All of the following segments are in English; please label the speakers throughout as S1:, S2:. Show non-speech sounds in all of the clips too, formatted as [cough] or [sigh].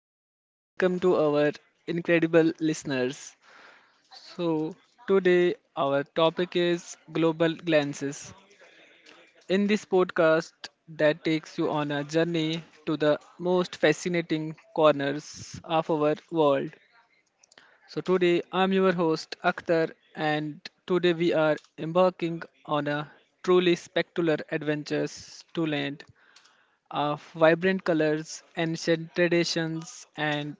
S1: and welcome to our incredible listeners. So, today our topic is global glances. In this podcast that takes you on a journey to the most fascinating corners of our world. Today I'm your host Akhtar and today we are embarking on a truly spectacular adventures to land of vibrant colors, ancient traditions, and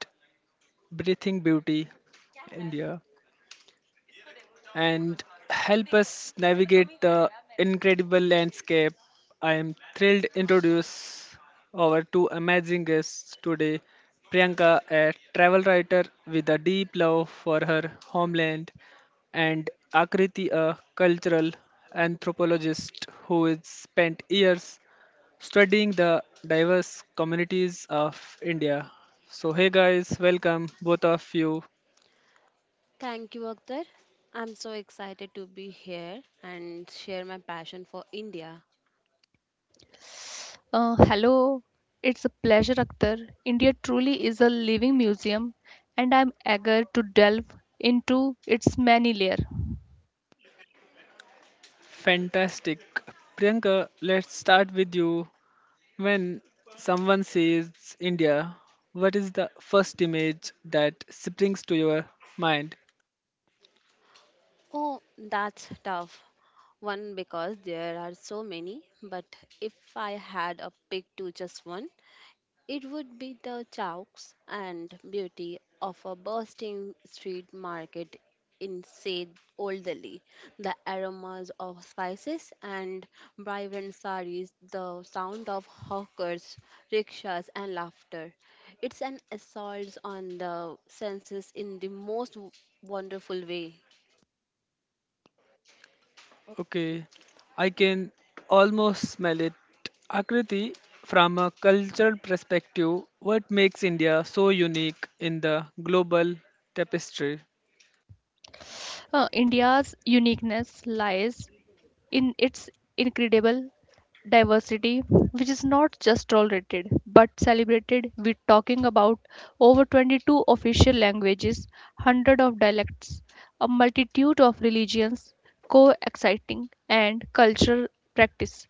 S1: breathing beauty, India, and help us navigate the incredible landscape. I am thrilled to introduce our two amazing guests today. Priyanka, a travel writer with a deep love for her homeland, and Akriti, a cultural anthropologist who has spent years studying the diverse communities of India. So, hey guys, welcome both of you.
S2: Thank you, Akhtar. I'm so excited to be here and share my passion for India.
S3: Hello, it's a pleasure, Akhtar. India truly is a living museum, and I'm eager to delve into its many layers.
S1: Fantastic. Priyanka, let's start with you. When someone says India, what is the first image that springs to your mind?
S2: Oh, that's tough. One, because there are so many, but if I had a pick to just one, it would be the chowks and beauty of a bursting street market in Said Old Delhi. The aromas of spices and vibrant saris, the sound of hawkers, rickshaws, and laughter. It's an assault on the senses in the most wonderful way.
S1: Okay, I can almost smell it. Akriti, from a cultural perspective, what makes India so unique in the global tapestry?
S3: India's uniqueness lies in its incredible diversity, which is not just tolerated but celebrated. We're talking about over 22 official languages, hundred of dialects, a multitude of religions, coexisting, and cultural practice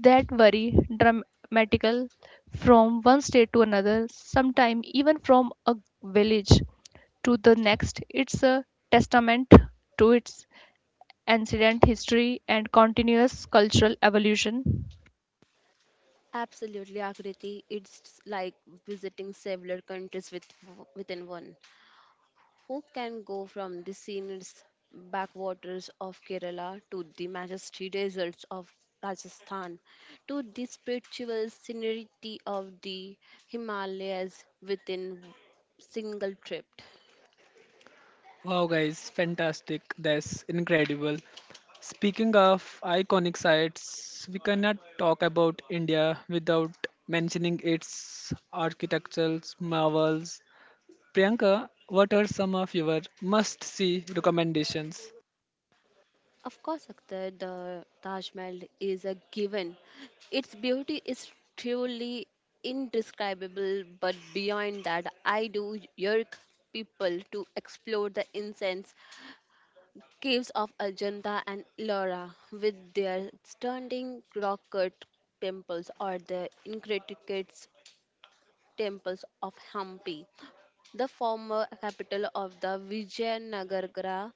S3: that vary dramatically from one state to another, sometimes even from a village to the next. It's a testament to its ancient history and continuous cultural evolution.
S2: Absolutely, Akriti. It's like visiting several countries within one. Who can go from the scenic backwaters of Kerala to the majestic deserts of Rajasthan to the spiritual scenery of the Himalayas within single trip?
S1: Wow, guys, fantastic. That's incredible. Speaking of iconic sites, we cannot talk about India without mentioning its architectural marvels. Priyanka, what are some of your must see recommendations?
S2: Of course, Akhtar, the Taj Mahal is a given. Its beauty is truly indescribable, but beyond that, I do urge people to explore the incense caves of Ajanta and Ellora, with their stunning rock cut temples, or the intricate temples of Hampi, the former capital of the Vijayanagara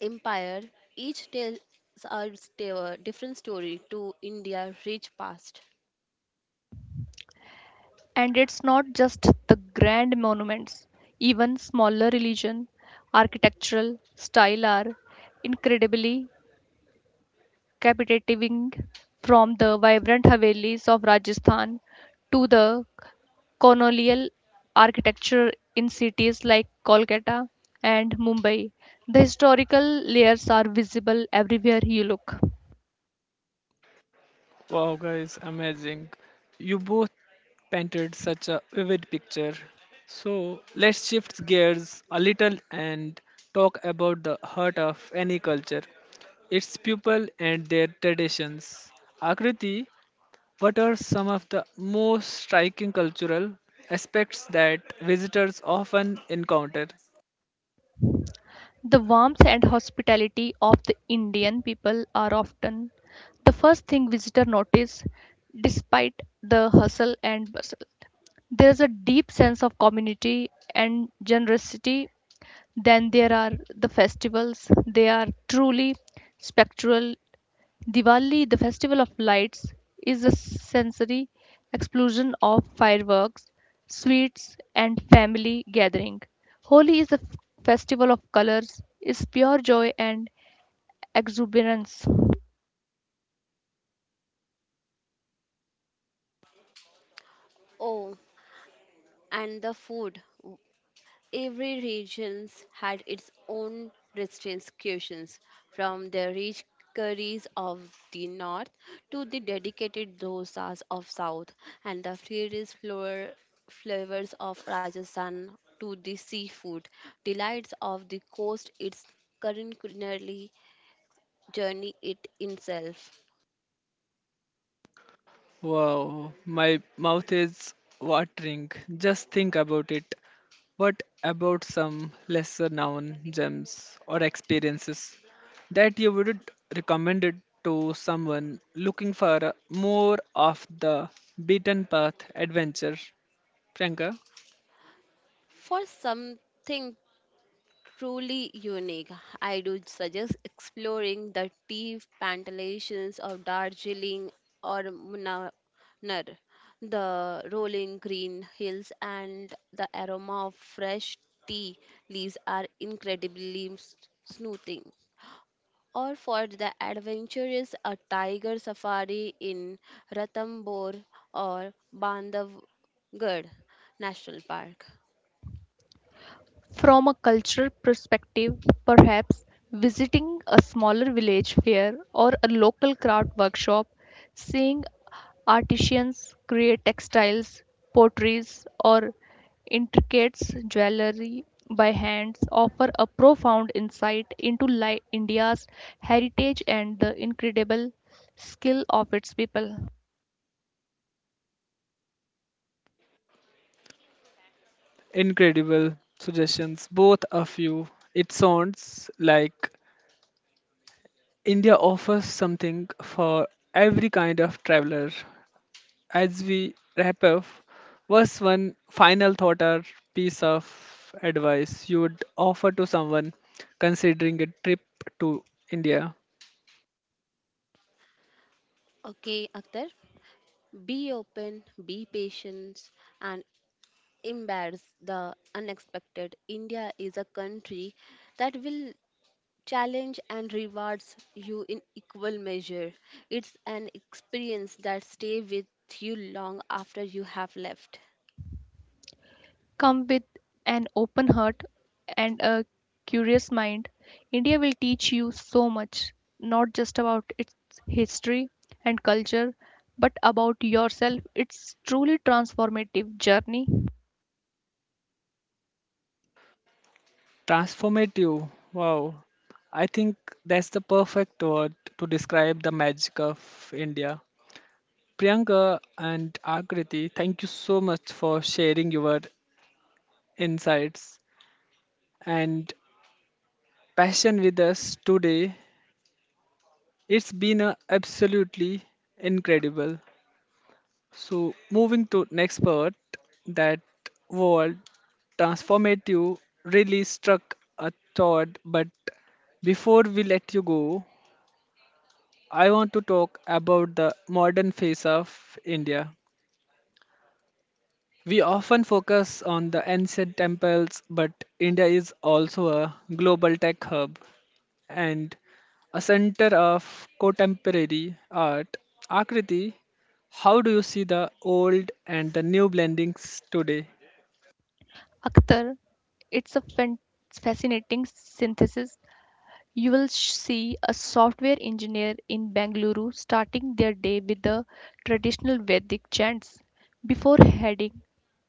S2: Empire. Each tells a different story to India's rich past.
S3: And it's not just the grand monuments, even smaller religion, architectural style are incredibly captivating from the vibrant Havelis of Rajasthan to the colonial architecture in cities like Kolkata and Mumbai. The historical layers are visible everywhere you look.
S1: Wow, guys, amazing. You both painted such a vivid picture. So let's shift gears a little and talk about the heart of any culture, its people and their traditions. Akriti, what are some of the most striking cultural aspects that visitors often encounter?
S3: The warmth and hospitality of the Indian people are often the first thing visitor notice despite the hustle and bustle. There is a deep sense of community and generosity. Then there are the festivals. They are truly spectral. Diwali, the festival of lights, is a sensory explosion of fireworks, sweets, and family gathering. Holi is a festival of colors, is pure joy and exuberance.
S2: Oh, and the food. Every region had its own distinct cuisines, from the rich curries of the north to the dedicated dosas of south, and the fierce flavors of Rajasthan to the seafood delights of the coast. Its current culinary journey it itself.
S1: Wow, my mouth is watering. Just think about it. What about some lesser known gems or experiences that you would recommend it to someone looking for a more of the beaten path adventure? Priyanka,
S2: For something truly unique. I do suggest exploring the tea plantations of Darjeeling or Munnar, the rolling green hills and the aroma of fresh tea leaves are incredibly soothing. Or for the adventurous, a tiger safari in Ranthambore or Bandhavgarh National Park.
S3: From a cultural perspective, perhaps visiting a smaller village fair or a local craft workshop, seeing artisans create textiles, potteries, or intricate jewelry by hands offer a profound insight into India's heritage and the incredible skill of its people.
S1: incredible suggestions, both of you. It sounds like India offers something for every kind of traveler. As we wrap up, what's one final thought or piece of advice you would offer to someone considering a trip to India?
S2: Okay, Akhtar. Be open, be patient, and embrace the unexpected. India is a country that will challenge and rewards you in equal measure. It's an experience that stays with you long after you have left.
S3: Come with an open heart and a curious mind. India will teach you so much, not just about its history and culture, but about yourself. It's truly transformative journey.
S1: Transformative. Wow. I think that's the perfect word to describe the magic of India. Priyanka and Akriti, thank you so much for sharing your insights and passion with us today. It's been a absolutely incredible. So moving to next part, that word transformative really struck a thought. But before we let you go, I want to talk about the modern face of India. We often focus on the ancient temples, but India is also a global tech hub and a center of contemporary art. Akriti, how do you see the old and the new blendings today?
S3: Akhtar, it's a fascinating synthesis. You will see a software engineer in Bengaluru starting their day with the traditional Vedic chants before heading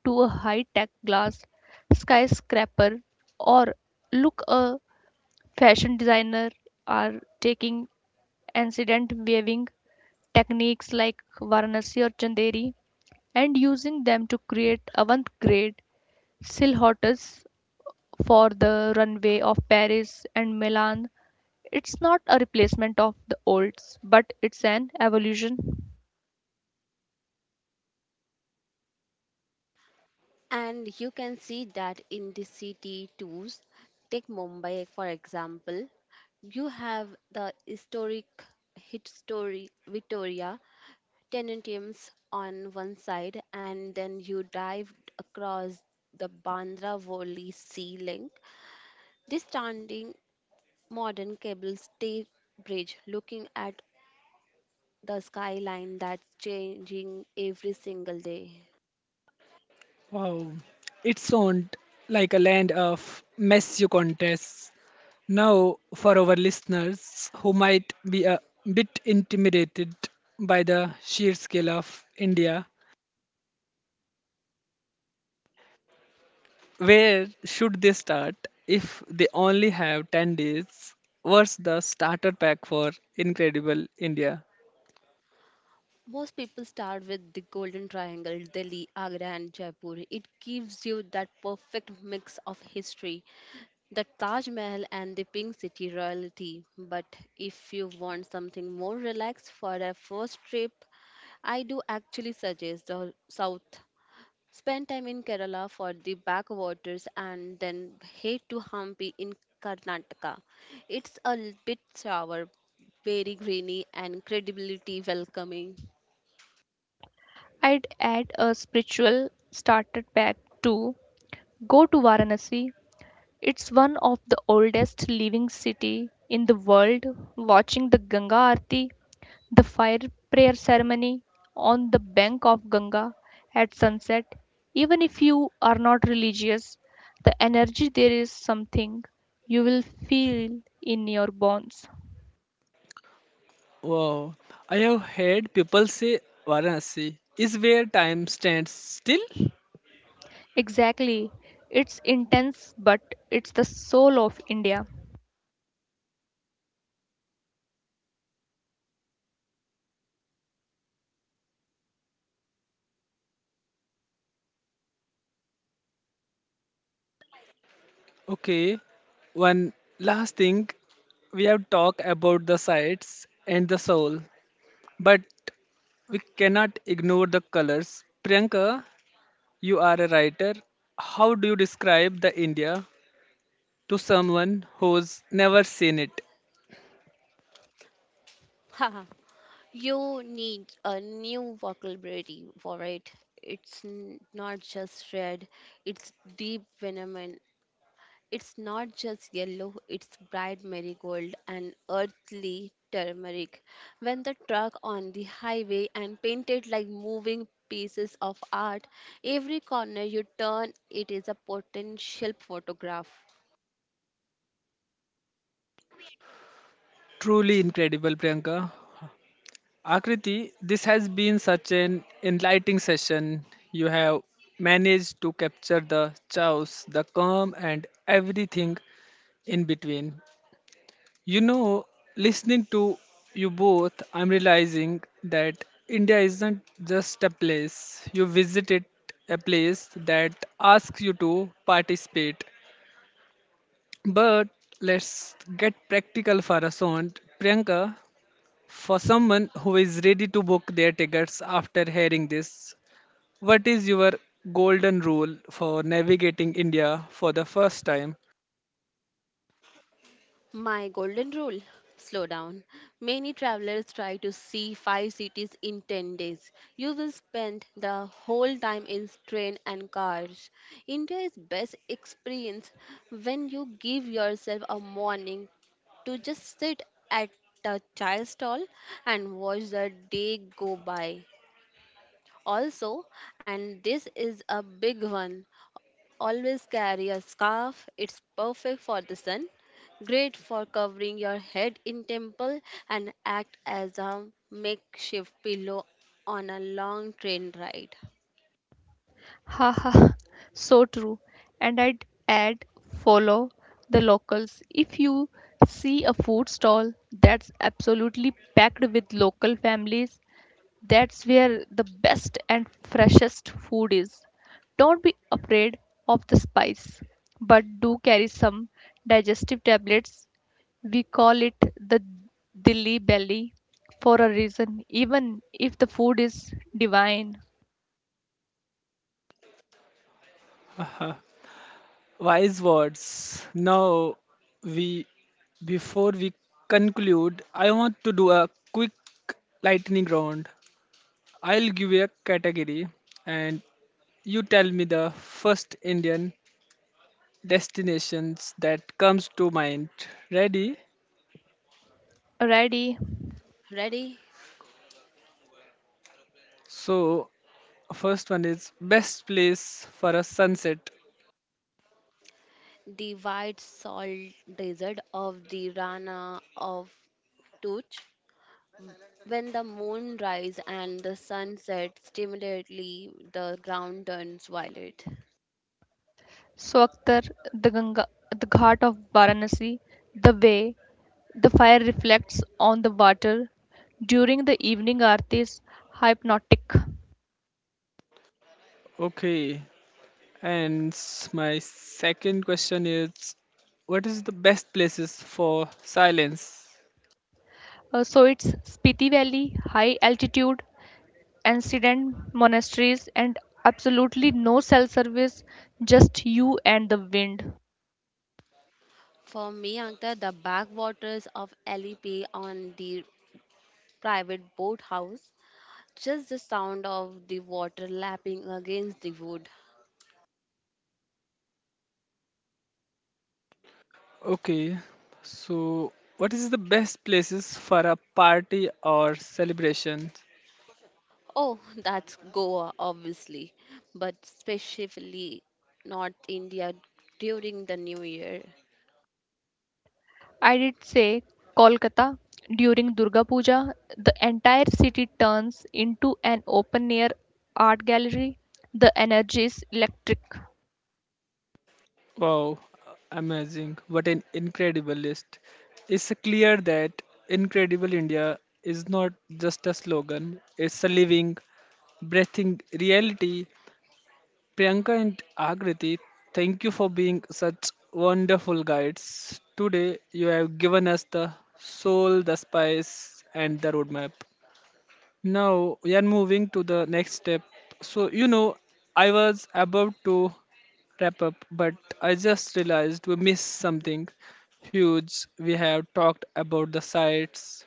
S3: to a high tech glass skyscraper, or look a fashion designer are taking incident waving techniques like Varanasi or Chanderi and using them to create avant-garde silhouettes for the runway of Paris and Milan. It's not a replacement of the olds, but it's an evolution.
S2: And you can see that in the city tours. Take Mumbai, for example. You have the historic Victoria Tenantiums on one side, and then you dive across the Bandra Worli Sea Link. This standing modern cable stay bridge looking at the skyline that's changing every single day.
S1: Wow, it sounds like a land of mess contests. Now, for our listeners who might be a bit intimidated by the sheer scale of India, where should they start if they only have 10 days? What's the starter pack for Incredible India?
S2: Most people start with the Golden Triangle, Delhi, Agra, and Jaipur. It gives you that perfect mix of history, the Taj Mahal and the Pink City royalty. But if you want something more relaxed for a first trip, I do actually suggest the south. Spend time in Kerala for the backwaters and then head to Hampi in Karnataka. It's a bit sour, very greeny, and credibility welcoming.
S3: I'd add a spiritual starter pack to go to Varanasi. It's one of the oldest living city in the world. Watching the Ganga Aarti, the fire prayer ceremony on the bank of Ganga at sunset, even if you are not religious, the energy there is something you will feel in your bones.
S1: Wow, I have heard people say Varanasi is where time stands still.
S3: Exactly. It's intense, but it's the soul of India.
S1: Okay, one last thing. We have talked about the sights and the soul, but we cannot ignore the colors. Priyanka, you are a writer. How do you describe the India to someone who's never seen it?
S2: [laughs] You need a new vocabulary for it. It's not just red, it's deep venom. It's not just yellow, it's bright marigold and earthly turmeric. When the truck on the highway and painted like moving pieces of art, every corner you turn, it is a potential photograph.
S1: Truly incredible, Priyanka. Akriti, this has been such an enlightening session. You have managed to capture the chaos, the calm, and everything in between. You know, listening to you both, I'm realizing that India isn't just a place. You visit it, a place that asks you to participate. But let's get practical for a second. Priyanka, for someone who is ready to book their tickets after hearing this, what is your golden rule for navigating India for the first time?
S2: My golden rule slow down. Many travelers try to see five cities in 10 days. You will spend the whole time in train and cars. India is best experienced when you give yourself a morning to just sit at a chai stall and watch the day go by. Also, and this is a big one, always carry a scarf. It's perfect for the sun, great for covering your head in temple and act as a makeshift pillow on a long train ride.
S3: Ha ha, so true. And I'd add follow the locals. If you see a food stall that's absolutely packed with local families, that's where the best and freshest food is. Don't be afraid of the spice, but do carry some digestive tablets. We call it the dilly belly for a reason, even if the food is divine.
S1: Wise words. Now, we before we conclude, I want to do a quick lightning round. I'll give you a category, and you tell me the first Indian destinations that comes to mind. Ready?
S3: Alrighty,
S2: Ready?
S1: So, first one is best place for a sunset.
S2: The white salt desert of the Rana of Tuch. When the moon rises and the sun sets, stimulatively the ground turns violet.
S3: so Akhtar, the Ganga, the Ghat of Varanasi, the way the fire reflects on the water during the evening arti is hypnotic.
S1: Okay. And my second question is, what is the best places for silence?
S3: So it's Spiti Valley, high altitude, ancient monasteries, and absolutely no cell service, just you and the wind.
S2: For me, Ankta, the backwaters of LEP on the private boathouse, just the sound of the water lapping against the wood.
S1: Okay, so what is the best places for a party or celebration?
S2: Oh, that's Goa, obviously, but specifically North India during the New Year.
S3: I did say Kolkata during Durga Puja, the entire city turns into an open air art gallery. The energy is electric.
S1: Wow, amazing. What an incredible list. It's clear that Incredible India is not just a slogan, it's a living, breathing reality. Priyanka and Agriti, thank you for being such wonderful guides. Today, you have given us the soul, the spice, and the roadmap. Now we are moving to the next step. So, you know, I was about to wrap up, but I just realized we missed something huge. We have talked about the sights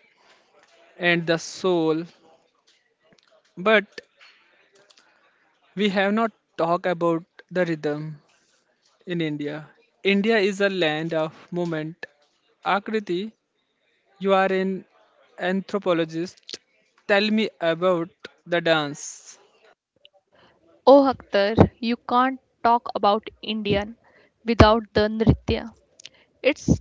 S1: and the soul, but we have not talked about the rhythm in India. India is a land of movement. Akriti, you are an anthropologist. Tell me about the dance.
S3: Oh, Akhtar, you can't talk about Indian without the Nritya. It's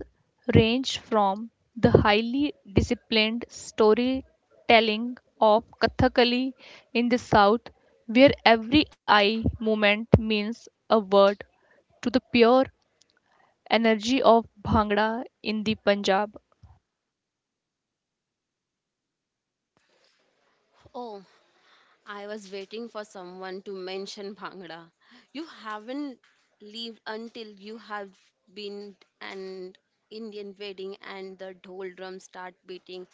S3: ranged from the highly disciplined storytelling of Kathakali in the south, where every eye movement means a word, to the pure energy of Bhangra in the Punjab.
S2: Oh, I was waiting for someone to mention Bhangra. You haven't lived until you have been an Indian wedding and the dhol drums start beating,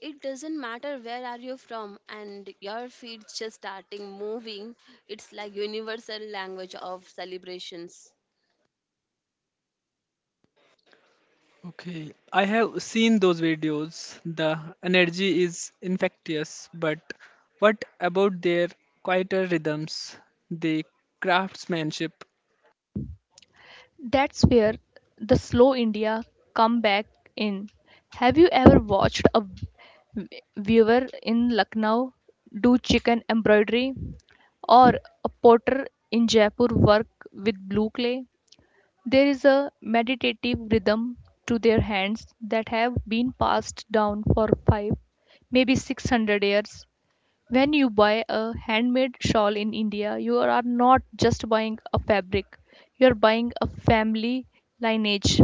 S2: it doesn't matter where are you from and your feet just starting moving. It's like universal language of celebrations.
S1: Okay, I have seen those videos. The energy is infectious, but what about their quieter rhythms, the craftsmanship?
S3: That's where the slow India come back in. Have you ever watched a weaver in Lucknow do chicken embroidery, or a potter in Jaipur work with blue clay. There is a meditative rhythm to their hands that have been passed down for five, maybe 600 years. When you buy a handmade shawl in India, you are not just buying a fabric, you are buying a family lineage.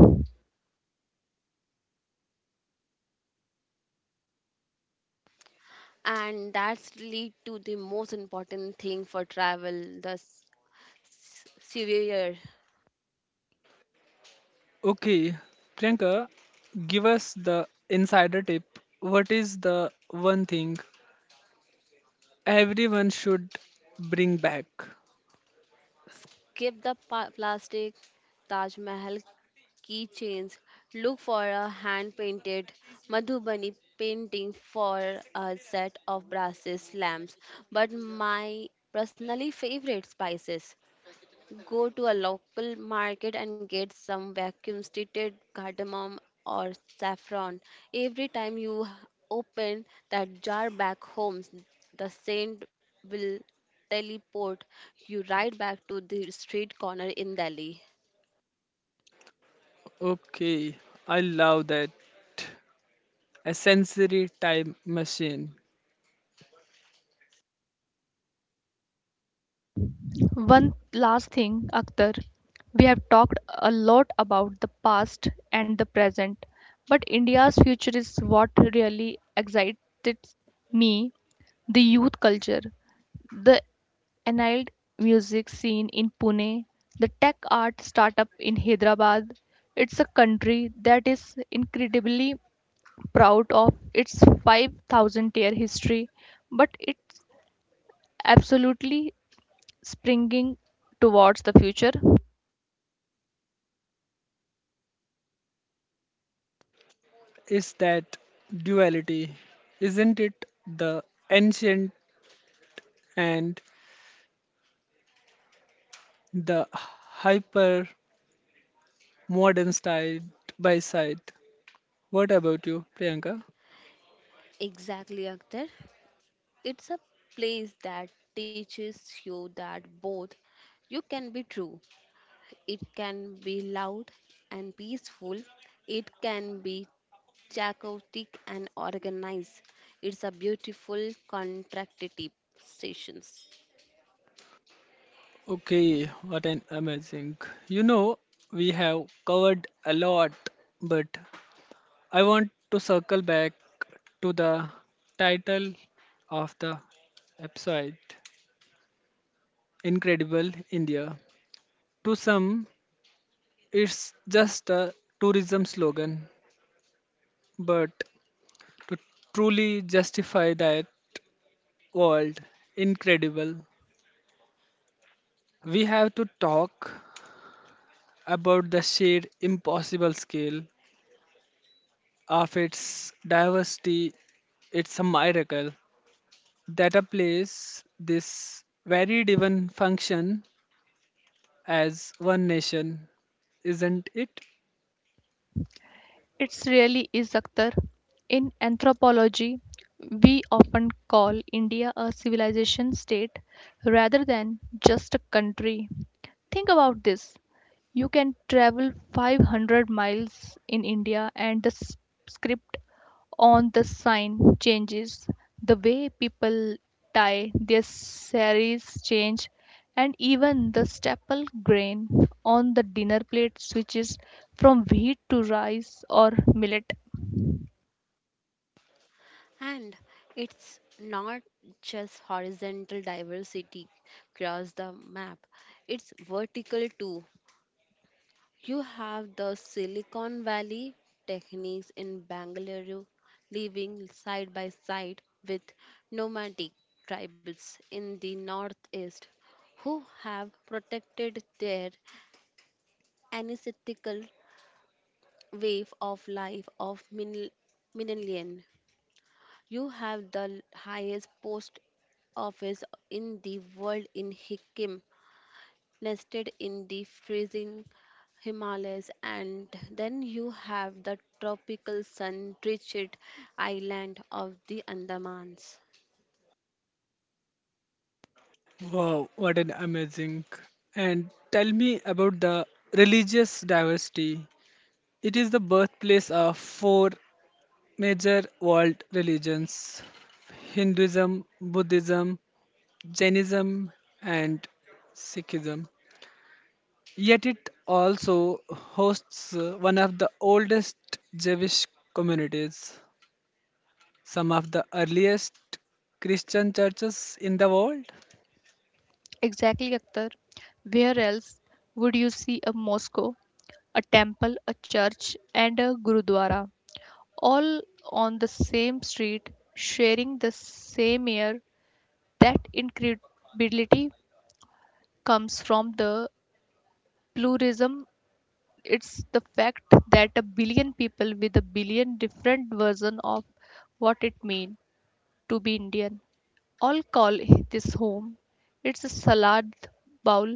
S2: And that's lead to the most important thing for travel, the severe.
S1: Okay, Priyanka, give us the insider tip. What is the one thing everyone should bring back?
S2: Keep the plastic Taj Mahal keychains, look for a hand painted madhubani painting for a set of brasses lamps, but my personally favorite spices. Go to a local market and get some vacuum treated cardamom or saffron. Every time you open that jar back home, the scent will teleport you right back to the street corner in Delhi.
S1: Okay, I love that. A sensory time machine.
S3: One last thing, Akhtar. We have talked a lot about the past and the present, but India's future is what really excited me, the youth culture, the annulled music scene in Pune, the tech art startup in Hyderabad. It's a country that is incredibly proud of its 5,000 year history, but it's absolutely springing towards the future.
S1: Is that duality? Isn't it the ancient and the hyper modern style by side. What about you, Priyanka?
S2: Exactly, Akhtar. It's a place that teaches you that both you can be true. It can be loud and peaceful. It can be chaotic and organized. It's a beautiful contractive stations.
S1: Okay, what an amazing. You know, we have covered a lot, but I want to circle back to the title of the episode Incredible India. To some, it's just a tourism slogan, but to truly justify that world, incredible, we have to talk about the sheer impossible scale of its diversity. It's a miracle that a place this varied even function as one nation, isn't it?
S3: It's really is Akhtar. In anthropology, we often call India a civilization state rather than just a country. Think about this. You can travel 500 miles in India and the script on the sign changes, the way people tie their saris change, and even the staple grain on the dinner plate switches from wheat to rice or millet.
S2: And it's not just horizontal diversity across the map, it's vertical too. You have the Silicon Valley techniques in Bangalore living side by side with nomadic tribes in the northeast who have protected their ancestral wave of life of Minilian. You have the highest post office in the world in Hikkim, nested in the freezing Himalayas, and then you have the tropical sun drenched island of the Andamans.
S1: Wow, what an amazing. And tell me about the religious diversity. It is the birthplace of four major world religions: Hinduism, Buddhism, Jainism and Sikhism. Yet it also hosts one of the oldest Jewish communities, some of the earliest Christian churches in the world.
S3: Exactly, Akhtar. Where else would you see a Moscow, a temple, a church, and a gurudwara, all on the same street, sharing the same air? That incredibility comes from the pluralism, it's the fact that a billion people with a billion different versions of what it means to be indian all call this home. It's a salad bowl,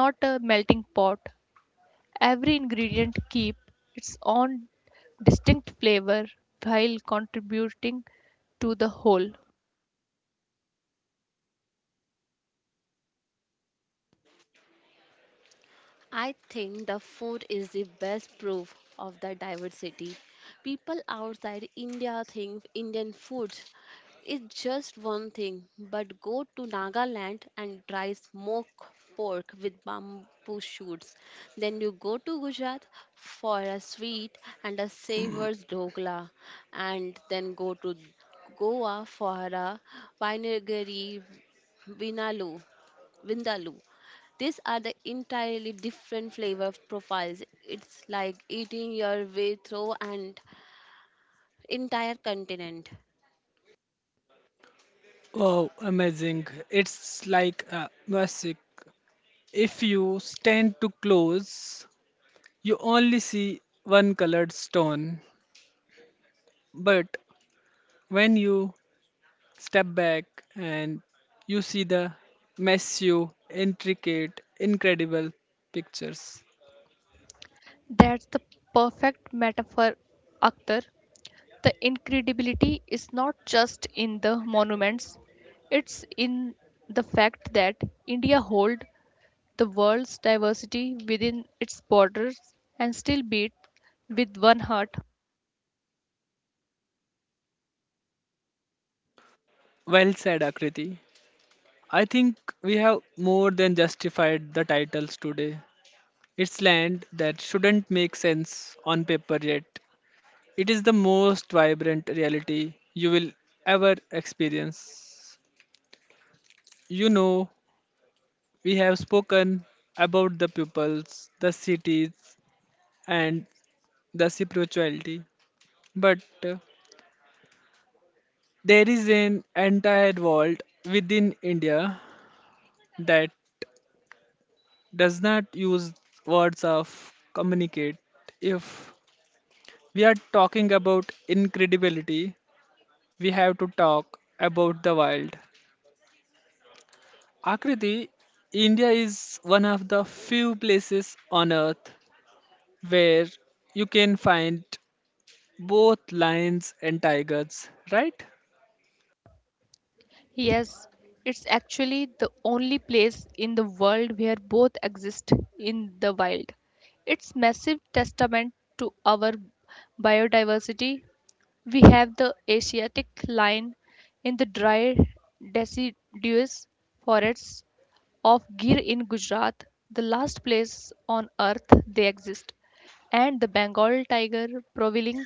S3: not a melting pot. Every ingredient keep its own distinct flavor while contributing to the whole.
S2: I think the food is the best proof of the diversity. People outside India think Indian food is just one thing, but go to Nagaland and try smoked pork with bamboo shoots. Then you go to Gujarat for a sweet and a savors dhokla, and then go to Goa for a vinegary vindaloo. Vindaloo. These are the entirely different flavor profiles. It's like eating your way through an entire continent.
S1: Wow, amazing. It's like music. If you stand too close, you only see one colored stone. But when you step back and you see the massive, intricate, incredible pictures.
S3: That's the perfect metaphor, Akhtar. The incredibility is not just in the monuments, it's in the fact that India holds the world's diversity within its borders and still beat with one heart.
S1: Well said, Akriti. I think we have more than justified the titles today. It's land that shouldn't make sense on paper yet. It is the most vibrant reality you will ever experience. You know, we have spoken about the pupils, the cities, and the spirituality. But there is an entire world within India that does not use words of communicate. If we are talking about incredibility, we have to talk about the wild. Akriti, India is one of the few places on earth where you can find both lions and tigers, right?
S3: Yes, it's actually the only place in the world where both exist in the wild. It's massive testament to our biodiversity. We have the Asiatic lion in the dry deciduous forests of Gir in Gujarat, the last place on earth they exist, and the Bengal tiger prowling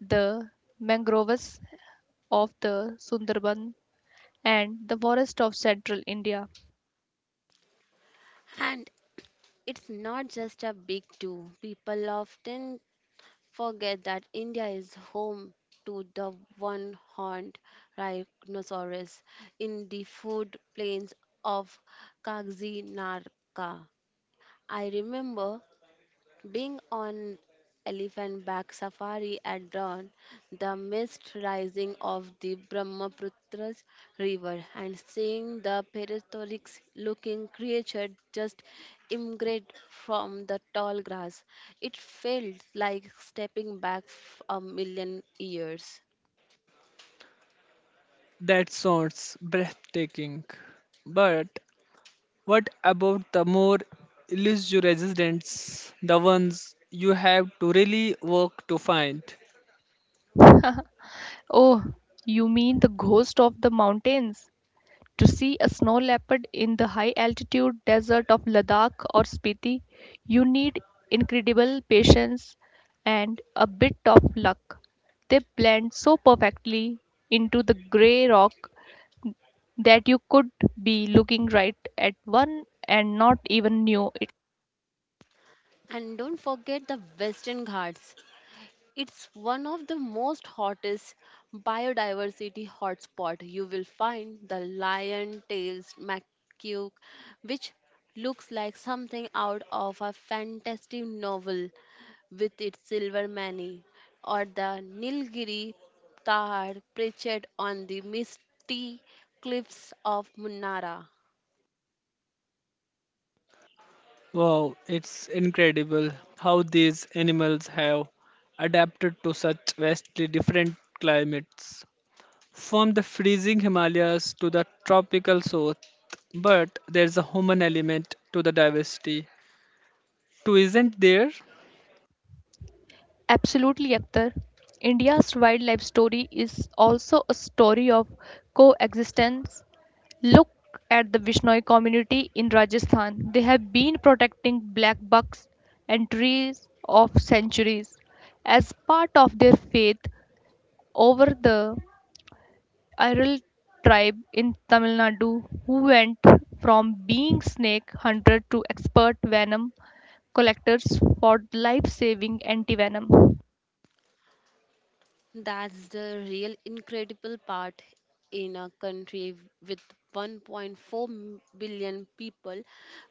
S3: the mangroves of the Sundarban and the forest of central India.
S2: And it's not just a big two. People often forget that India is home to the one horned rhinoceros in the food plains of Kagzi Narka. I remember being on elephant back safari at dawn, the mist rising of the Brahmaputra river and seeing the prehistoric looking creature just immigrate from the tall grass. It felt like stepping back a million years.
S1: That sounds breathtaking. But what about the more elusive residents, the ones you have to really work to find?
S3: [laughs] Oh, you mean the ghost of the mountains? To see a snow leopard in the high altitude desert of Ladakh or Spiti, you need incredible patience and a bit of luck. They blend so perfectly into the grey rock that you could be looking right at one and not even know it.
S2: And don't forget the Western Ghats, it's one of the most hottest biodiversity hotspot. You will find the lion tailed macaque, which looks like something out of a fantastic novel with its silver mane, or the Nilgiri Tahar perched on the misty cliffs of Munara.
S1: Wow, it's incredible how these animals have adapted to such vastly different climates, from the freezing Himalayas to the tropical south. But there's a human element to the diversity. To isn't there?
S3: Absolutely, Akhtar. India's wildlife story is also a story of coexistence. Look at the Vishnoi community in Rajasthan. They have been protecting black bucks and trees of centuries. As part of their faith, over the Iral tribe in Tamil Nadu, who went from being snake hunter to expert venom collectors for life saving antivenom.
S2: That's the real incredible part, in a country with 1.4 billion people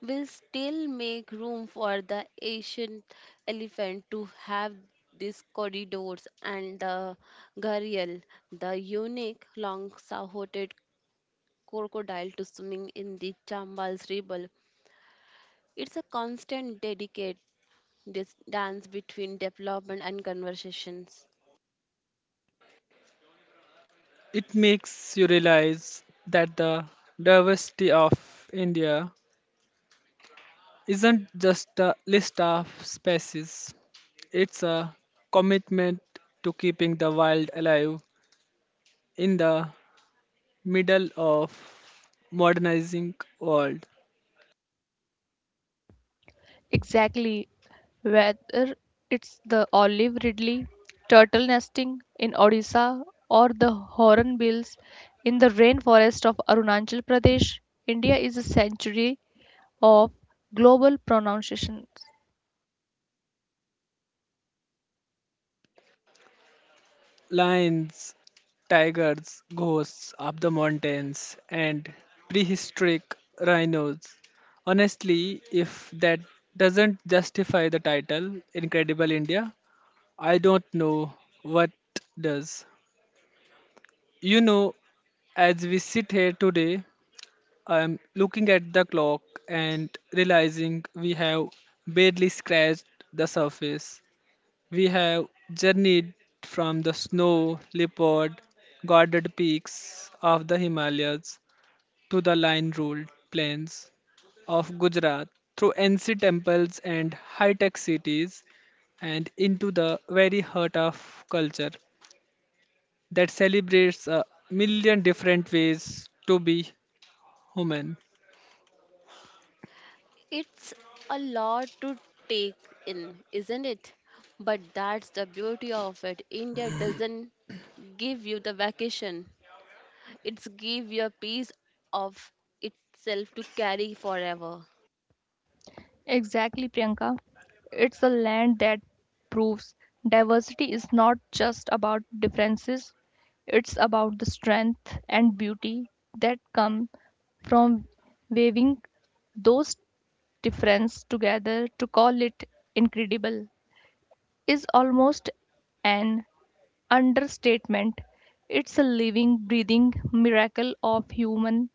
S2: will still make room for the Asian elephant to have these corridors and the gharial, the unique long-sahoted crocodile to swimming in the Chambal's river. It's a constant dedicate this dance between development and conversations.
S1: It makes you realize that the diversity of India isn't just a list of species, it's a commitment to keeping the wild alive in the middle of modernizing world.
S3: Exactly. Whether it's the olive ridley, turtle nesting in Odisha, or the hornbills in the rainforest of Arunachal Pradesh, India is a sanctuary of global pronunciations.
S1: Lions, tigers, ghosts of the mountains, and prehistoric rhinos. Honestly, if that doesn't justify the title Incredible India, I don't know what does. You know, as we sit here today, I'm looking at the clock and realizing we have barely scratched the surface. We have journeyed from the snow leopard guarded peaks of the Himalayas to the line ruled plains of Gujarat through ancient temples and high tech cities and into the very heart of culture that celebrates a million different ways to be human.
S2: It's a lot to take in, isn't it? But that's the beauty of it. India doesn't give you the vacation. It's give you a piece of itself to carry forever.
S3: Exactly, Priyanka. It's a land that proves diversity is not just about differences, it's about the strength and beauty that come from weaving those differences together. To call it incredible is almost an understatement. It's a living, breathing miracle of human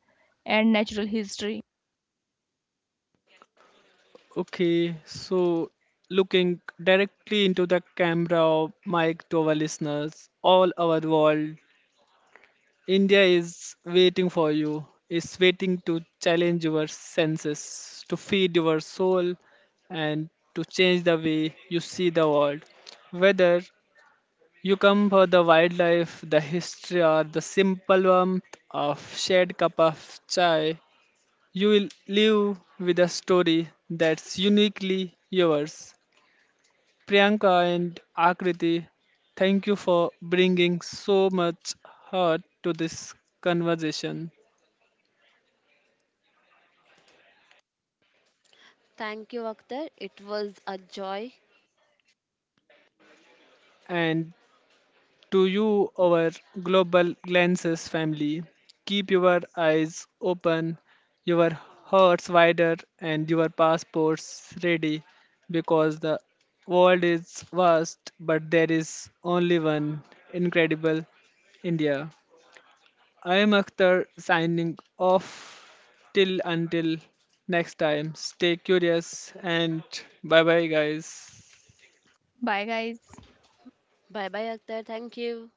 S3: and natural history.
S1: Okay, so looking directly into the camera, mic to our listeners, all over the world, India is waiting for you, is waiting to challenge your senses, to feed your soul, and to change the way you see the world. Whether you come for the wildlife, the history, or the simple warmth of shared cup of chai, you will live with a story that's uniquely yours. Priyanka and Akriti, thank you for bringing so much heart to this conversation.
S2: Thank you, Akhtar. It was a joy.
S1: And to you, our global glances family, keep your eyes open, your hearts wider, and your passports ready because the world is vast, but there is only one incredible India. I am Akhtar signing off till until next time. Stay curious and bye bye, guys.
S2: Bye bye, Akhtar. Thank you.